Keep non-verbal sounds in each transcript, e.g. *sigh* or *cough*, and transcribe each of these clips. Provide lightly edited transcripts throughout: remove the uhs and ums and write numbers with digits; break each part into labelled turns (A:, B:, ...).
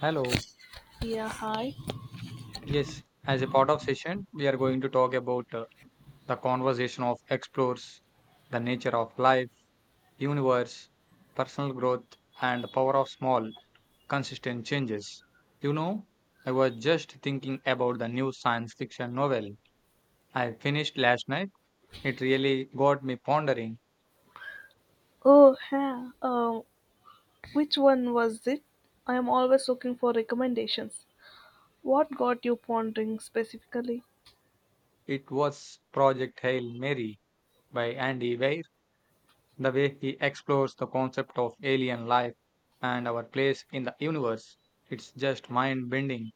A: Hello.
B: Yeah, hi.
A: Yes, as a part of session, we are going to talk about the conversation of explores, the nature of life, universe, personal growth, and the power of small, consistent changes. You know, I was just thinking about the new science fiction novel I finished last night. It really got me pondering.
B: Oh, yeah. Which one was it? I am always looking for recommendations. What got you pondering specifically?
A: It was Project Hail Mary by Andy Weir. The way he explores the concept of alien life and our place in the universe, it's just mind bending.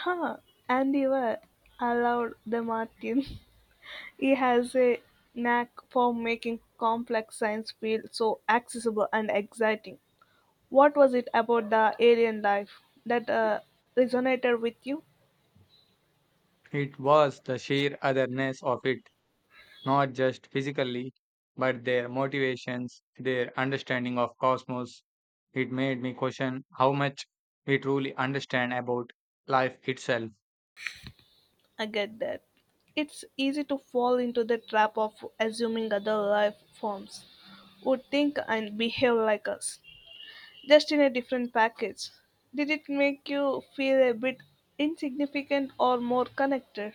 B: Huh, Andy Ware. I loved the Martin. *laughs* He has a knack for making complex science feel so accessible and exciting. What was it about the alien life that resonated with you?
A: It was the sheer otherness of it, not just physically, but their motivations, their understanding of cosmos. It made me question how much we truly understand about life itself.
B: I get that. It's easy to fall into the trap of assuming other life forms would think and behave like us, just in a different package. Did it make you feel a bit insignificant or more connected?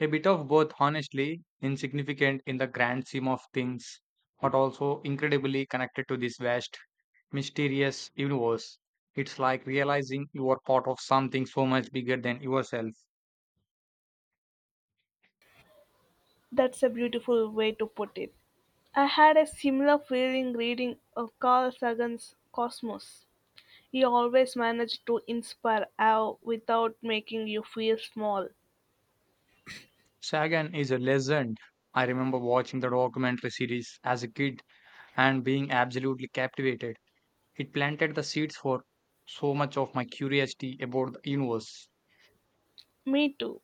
A: A bit of both, honestly, insignificant in the grand scheme of things, but also incredibly connected to this vast mysterious universe. It's like realizing you are part of something so much bigger than yourself.
B: That's a beautiful way to put it. I had a similar feeling reading of Carl Sagan's Cosmos. He always managed to inspire awe without making you feel small.
A: Sagan is a legend. I remember watching the documentary series as a kid and being absolutely captivated. It planted the seeds for so much of my curiosity about the universe.
B: Me too.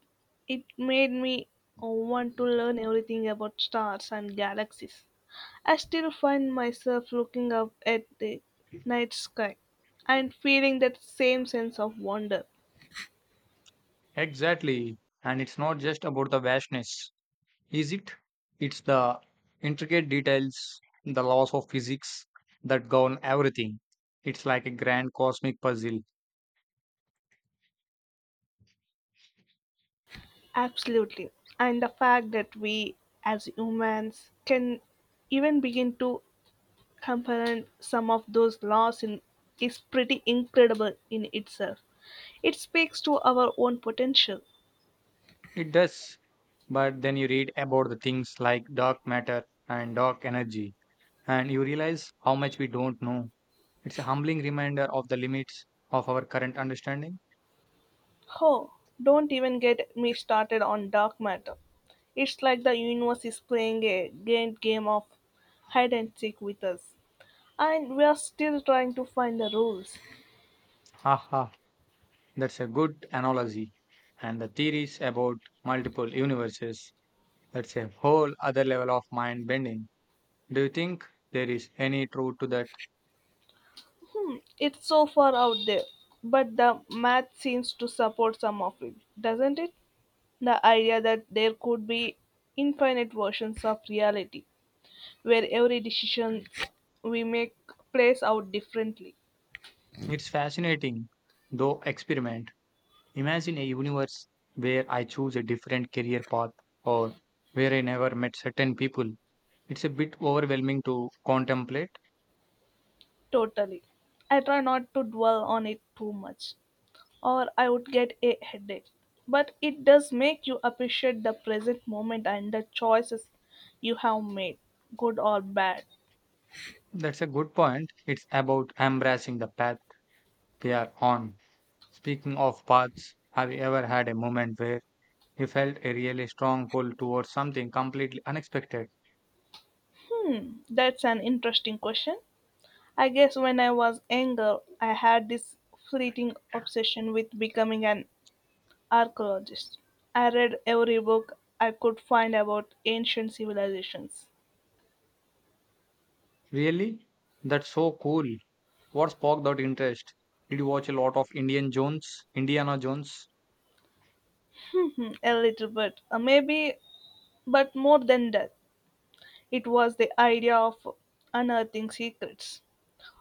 B: It made me want to learn everything about stars and galaxies. I still find myself looking up at the night sky and feeling that same sense of wonder.
A: Exactly. And it's not just about the vastness, is it? It's the intricate details, the laws of physics that govern everything. It's like a grand cosmic puzzle.
B: Absolutely. And the fact that we, as humans, can even begin to comprehend some of those laws in, is pretty incredible in itself. It speaks to our own potential.
A: It does, but then you read about the things like dark matter and dark energy, and you realize how much we don't know. It's a humbling reminder of the limits of our current understanding.
B: Oh, don't even get me started on dark matter. It's like the universe is playing a grand game of hide and seek with us. And we are still trying to find the rules.
A: Haha, that's a good analogy. And the theories about multiple universes, that's a whole other level of mind bending. Do you think there is any truth to that?
B: It's so far out there, but the math seems to support some of it, doesn't it? The idea that there could be infinite versions of reality, where every decision we make plays out differently.
A: It's fascinating, though, experiment. Imagine a universe where I choose a different career path or where I never met certain people. It's a bit overwhelming to contemplate.
B: Totally. I try not to dwell on it too much, or I would get a headache. But it does make you appreciate the present moment and the choices you have made, good or bad.
A: That's a good point. It's about embracing the path we are on. Speaking of paths, have you ever had a moment where you felt a really strong pull towards something completely unexpected?
B: That's an interesting question. I guess when I was younger, I had this fleeting obsession with becoming an archaeologist. I read every book I could find about ancient civilizations.
A: Really? That's so cool. What sparked that interest? Did you watch a lot of Indiana Jones?
B: Hmm, a little bit, maybe, but more than that, it was the idea of unearthing secrets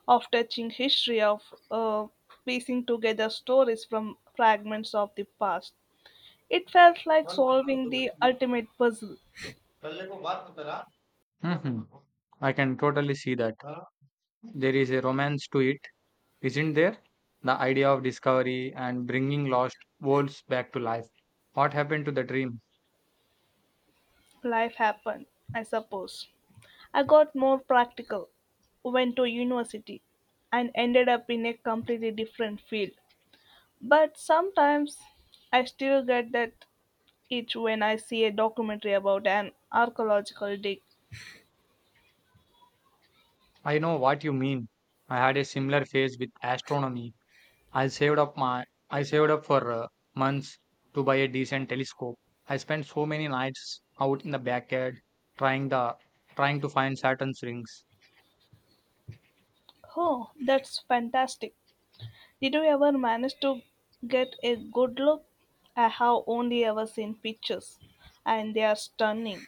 B: of touching history of uh, piecing together stories from fragments of the past. It felt like solving the ultimate puzzle.
A: Mhm. I can totally see that. There is a romance to it, isn't there? The idea of discovery and bringing lost worlds back to life. What happened to the dream?
B: Life happened, I suppose. I got more practical, went to university, and ended up in a completely different field. But sometimes I still get that itch when I see a documentary about an archaeological dig.
A: I know what you mean. I had a similar phase with astronomy. I saved up for months to buy a decent telescope. I spent so many nights out in the backyard trying the trying to find Saturn's rings.
B: Oh, that's fantastic. Did you ever manage to get a good look? I have only ever seen pictures, and they are stunning.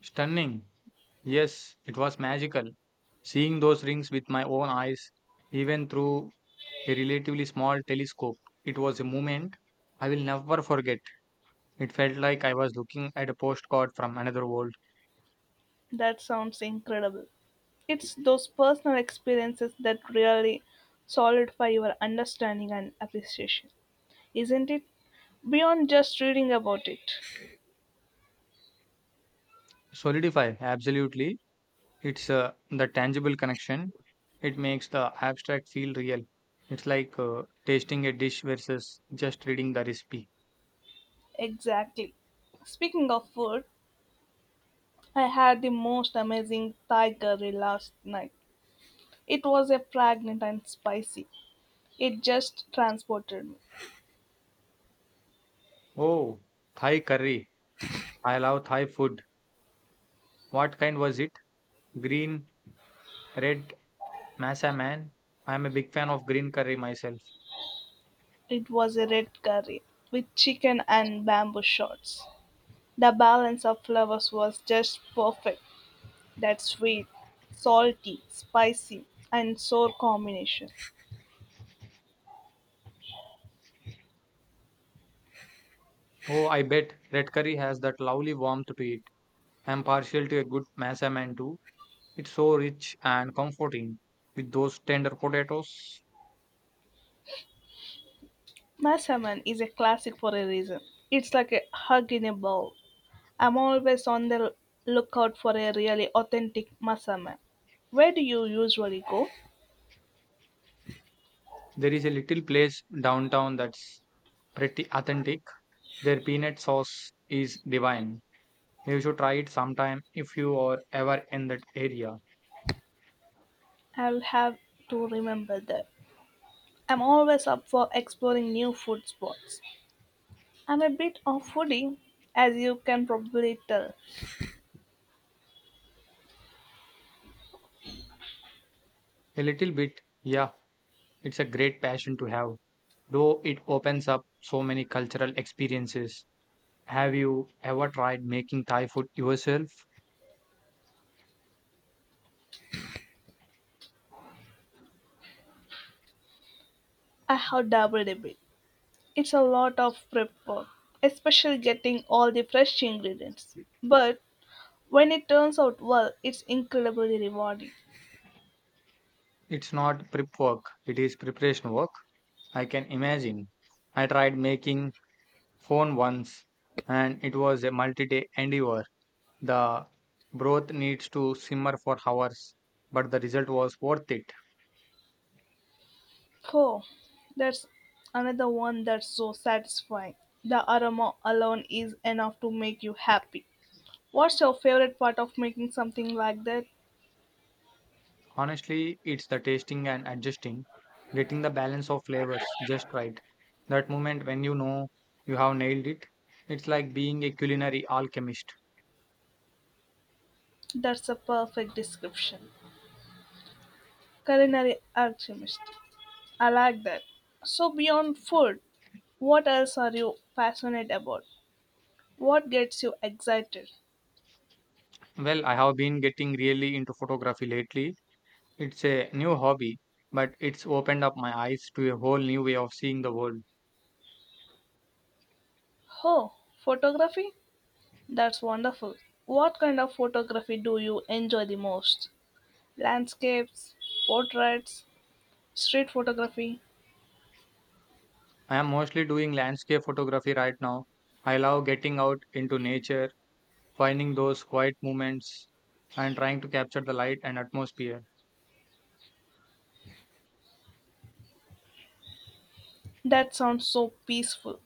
A: Stunning. Yes, it was magical. Seeing those rings with my own eyes even through a relatively small telescope. It was a moment I will never forget. It felt like I was looking at a postcard from another world.
B: That sounds incredible. It's those personal experiences that really solidify your understanding and appreciation, isn't it? Beyond just reading about it.
A: Solidify, absolutely. It's the tangible connection. It makes the abstract feel real. It's like tasting a dish versus just reading the recipe.
B: Exactly. Speaking of food, I had the most amazing Thai curry last night. It was a fragrant and spicy. It just transported me.
A: Oh, Thai curry. I love Thai food. What kind was it? Green, red, massa man. I'm a big fan of green curry myself.
B: It was a red curry, with chicken and bamboo shoots. The balance of flavors was just perfect. That sweet, salty, spicy, and sour combination.
A: Oh, I bet red curry has that lovely warmth to it. I'm partial to a good masa mantu. It's so rich and comforting. With those tender potatoes,
B: Masaman is a classic for a reason. It's like a hug in a bowl. I'm always on the lookout for a really authentic masaman. Where do you usually go?
A: there is a little place downtown that's pretty authentic. Their peanut sauce is divine. You should try it sometime if you are ever in that area.
B: I'll have to remember that. I'm always up for exploring new food spots. I'm a bit of foodie, as you can probably tell.
A: A little bit, yeah, it's a great passion to have, though it opens up so many cultural experiences. Have you ever tried making Thai food yourself?
B: I have doubled a bit. It's a lot of prep work, especially getting all the fresh ingredients. But when it turns out well, it's incredibly rewarding.
A: It's not prep work, it is preparation work. I can imagine. I tried making phone once and it was a multi-day endeavor. The broth needs to simmer for hours, but the result was worth it.
B: Oh, that's another one that's so satisfying. The aroma alone is enough to make you happy. What's your favorite part of making something like that?
A: Honestly, it's the tasting and adjusting, getting the balance of flavors just right. That moment when you know you have nailed it, it's like being a culinary alchemist.
B: That's a perfect description. Culinary alchemist. I like that. So, beyond food, what else are you passionate about? What gets you excited?
A: Well, I have been getting really into photography lately. It's a new hobby, but it's opened up my eyes to a whole new way of seeing the world.
B: Oh, photography? That's wonderful. What kind of photography do you enjoy the most? Landscapes, portraits, street photography?
A: I am mostly doing landscape photography right now. I love getting out into nature, finding those quiet moments, and trying to capture the light and atmosphere.
B: That sounds so peaceful.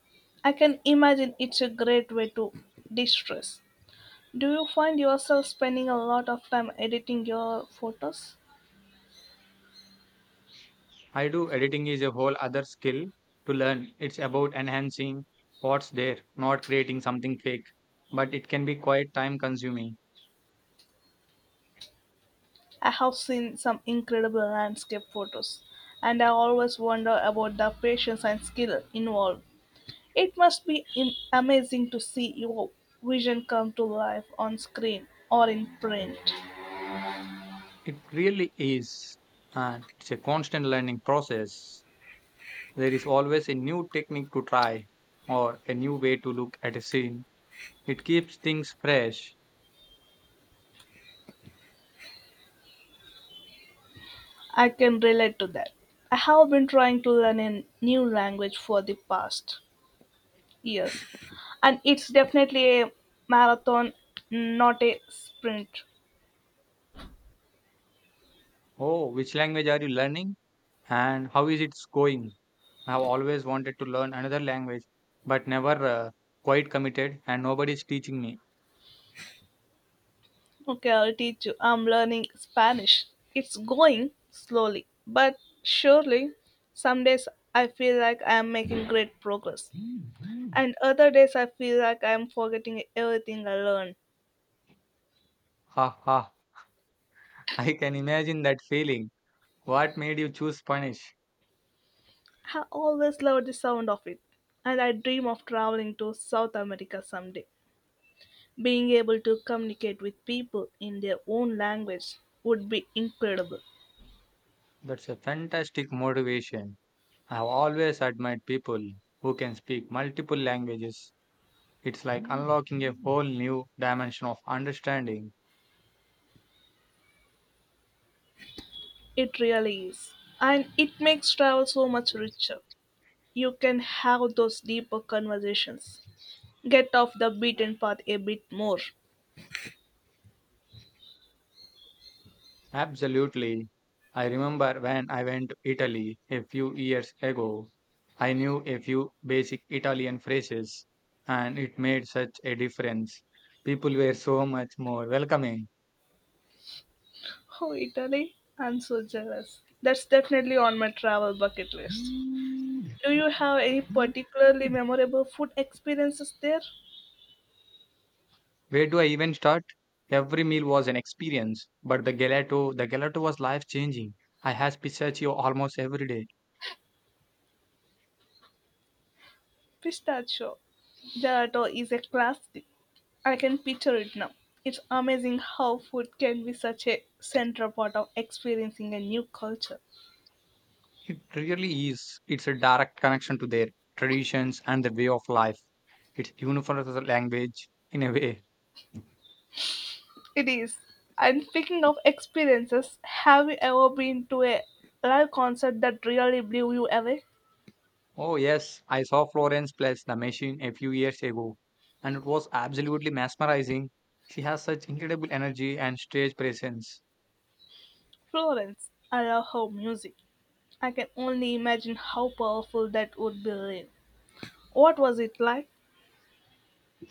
B: I can imagine it's a great way to de stress. Do you find yourself spending a lot of time editing your photos?
A: I do editing is a whole other skill to learn. It's about enhancing what's there, not creating something fake. But it can be quite time consuming.
B: I have seen some incredible landscape photos, and I always wonder about the patience and skill involved. It must be amazing to see your vision come to life on screen or in print.
A: It really is. And it's a constant learning process. There is always a new technique to try or a new way to look at a scene. It keeps things fresh.
B: I can relate to that. I have been trying to learn a new language for the past years, and it's definitely a marathon, not a sprint.
A: Oh, which language are you learning and how is it going? I've always wanted to learn another language, but never quite committed, and nobody's teaching me.
B: Okay, I'll teach you. I'm learning Spanish. It's going slowly, but surely. Some days I feel like I am making great progress, and other days I feel like I am forgetting everything I learned.
A: Ha ha! *laughs* I can imagine that feeling. What made you choose Spanish?
B: I always love the sound of it, and I dream of traveling to South America someday. Being able to communicate with people in their own language would be incredible.
A: That's a fantastic motivation. I've always admired people who can speak multiple languages. It's like unlocking a whole new dimension of understanding.
B: It really is. And it makes travel so much richer. You can have those deeper conversations. Get off the beaten path a bit more.
A: Absolutely. I remember when I went to Italy a few years ago, I knew a few basic Italian phrases, and it made such a difference. People were so much more welcoming.
B: Oh, Italy, I'm so jealous. That's definitely on my travel bucket list. Do you have any particularly memorable food experiences there?
A: Where do I even start? Every meal was an experience, but the gelato was life changing. I had pistachio almost every day.
B: Pistachio gelato is a classic. I can picture it now. It's amazing how food can be such a central part of experiencing a new culture.
A: It really is. It's a direct connection to their traditions and their way of life. It's universal language in a way.
B: It is. And speaking of experiences, have you ever been to a live concert that really blew you away?
A: Oh, yes, I saw Florence Plus the Machine a few years ago, and it was absolutely mesmerizing. She has such incredible energy and stage presence.
B: Florence, I love her music. I can only imagine how powerful that would be live. What was it like?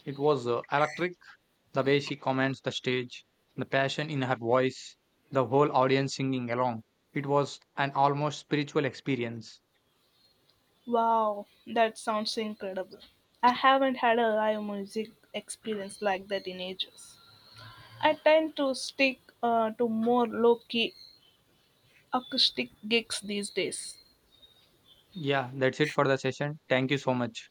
A: It was electric the way she commands the stage, the passion in her voice, the whole audience singing along. It was an almost spiritual experience.
B: Wow, that sounds incredible. I haven't had a live music experience like that in ages. I tend to stick to more low key acoustic gigs these days.
A: Yeah, that's it for the session. Thank you so much.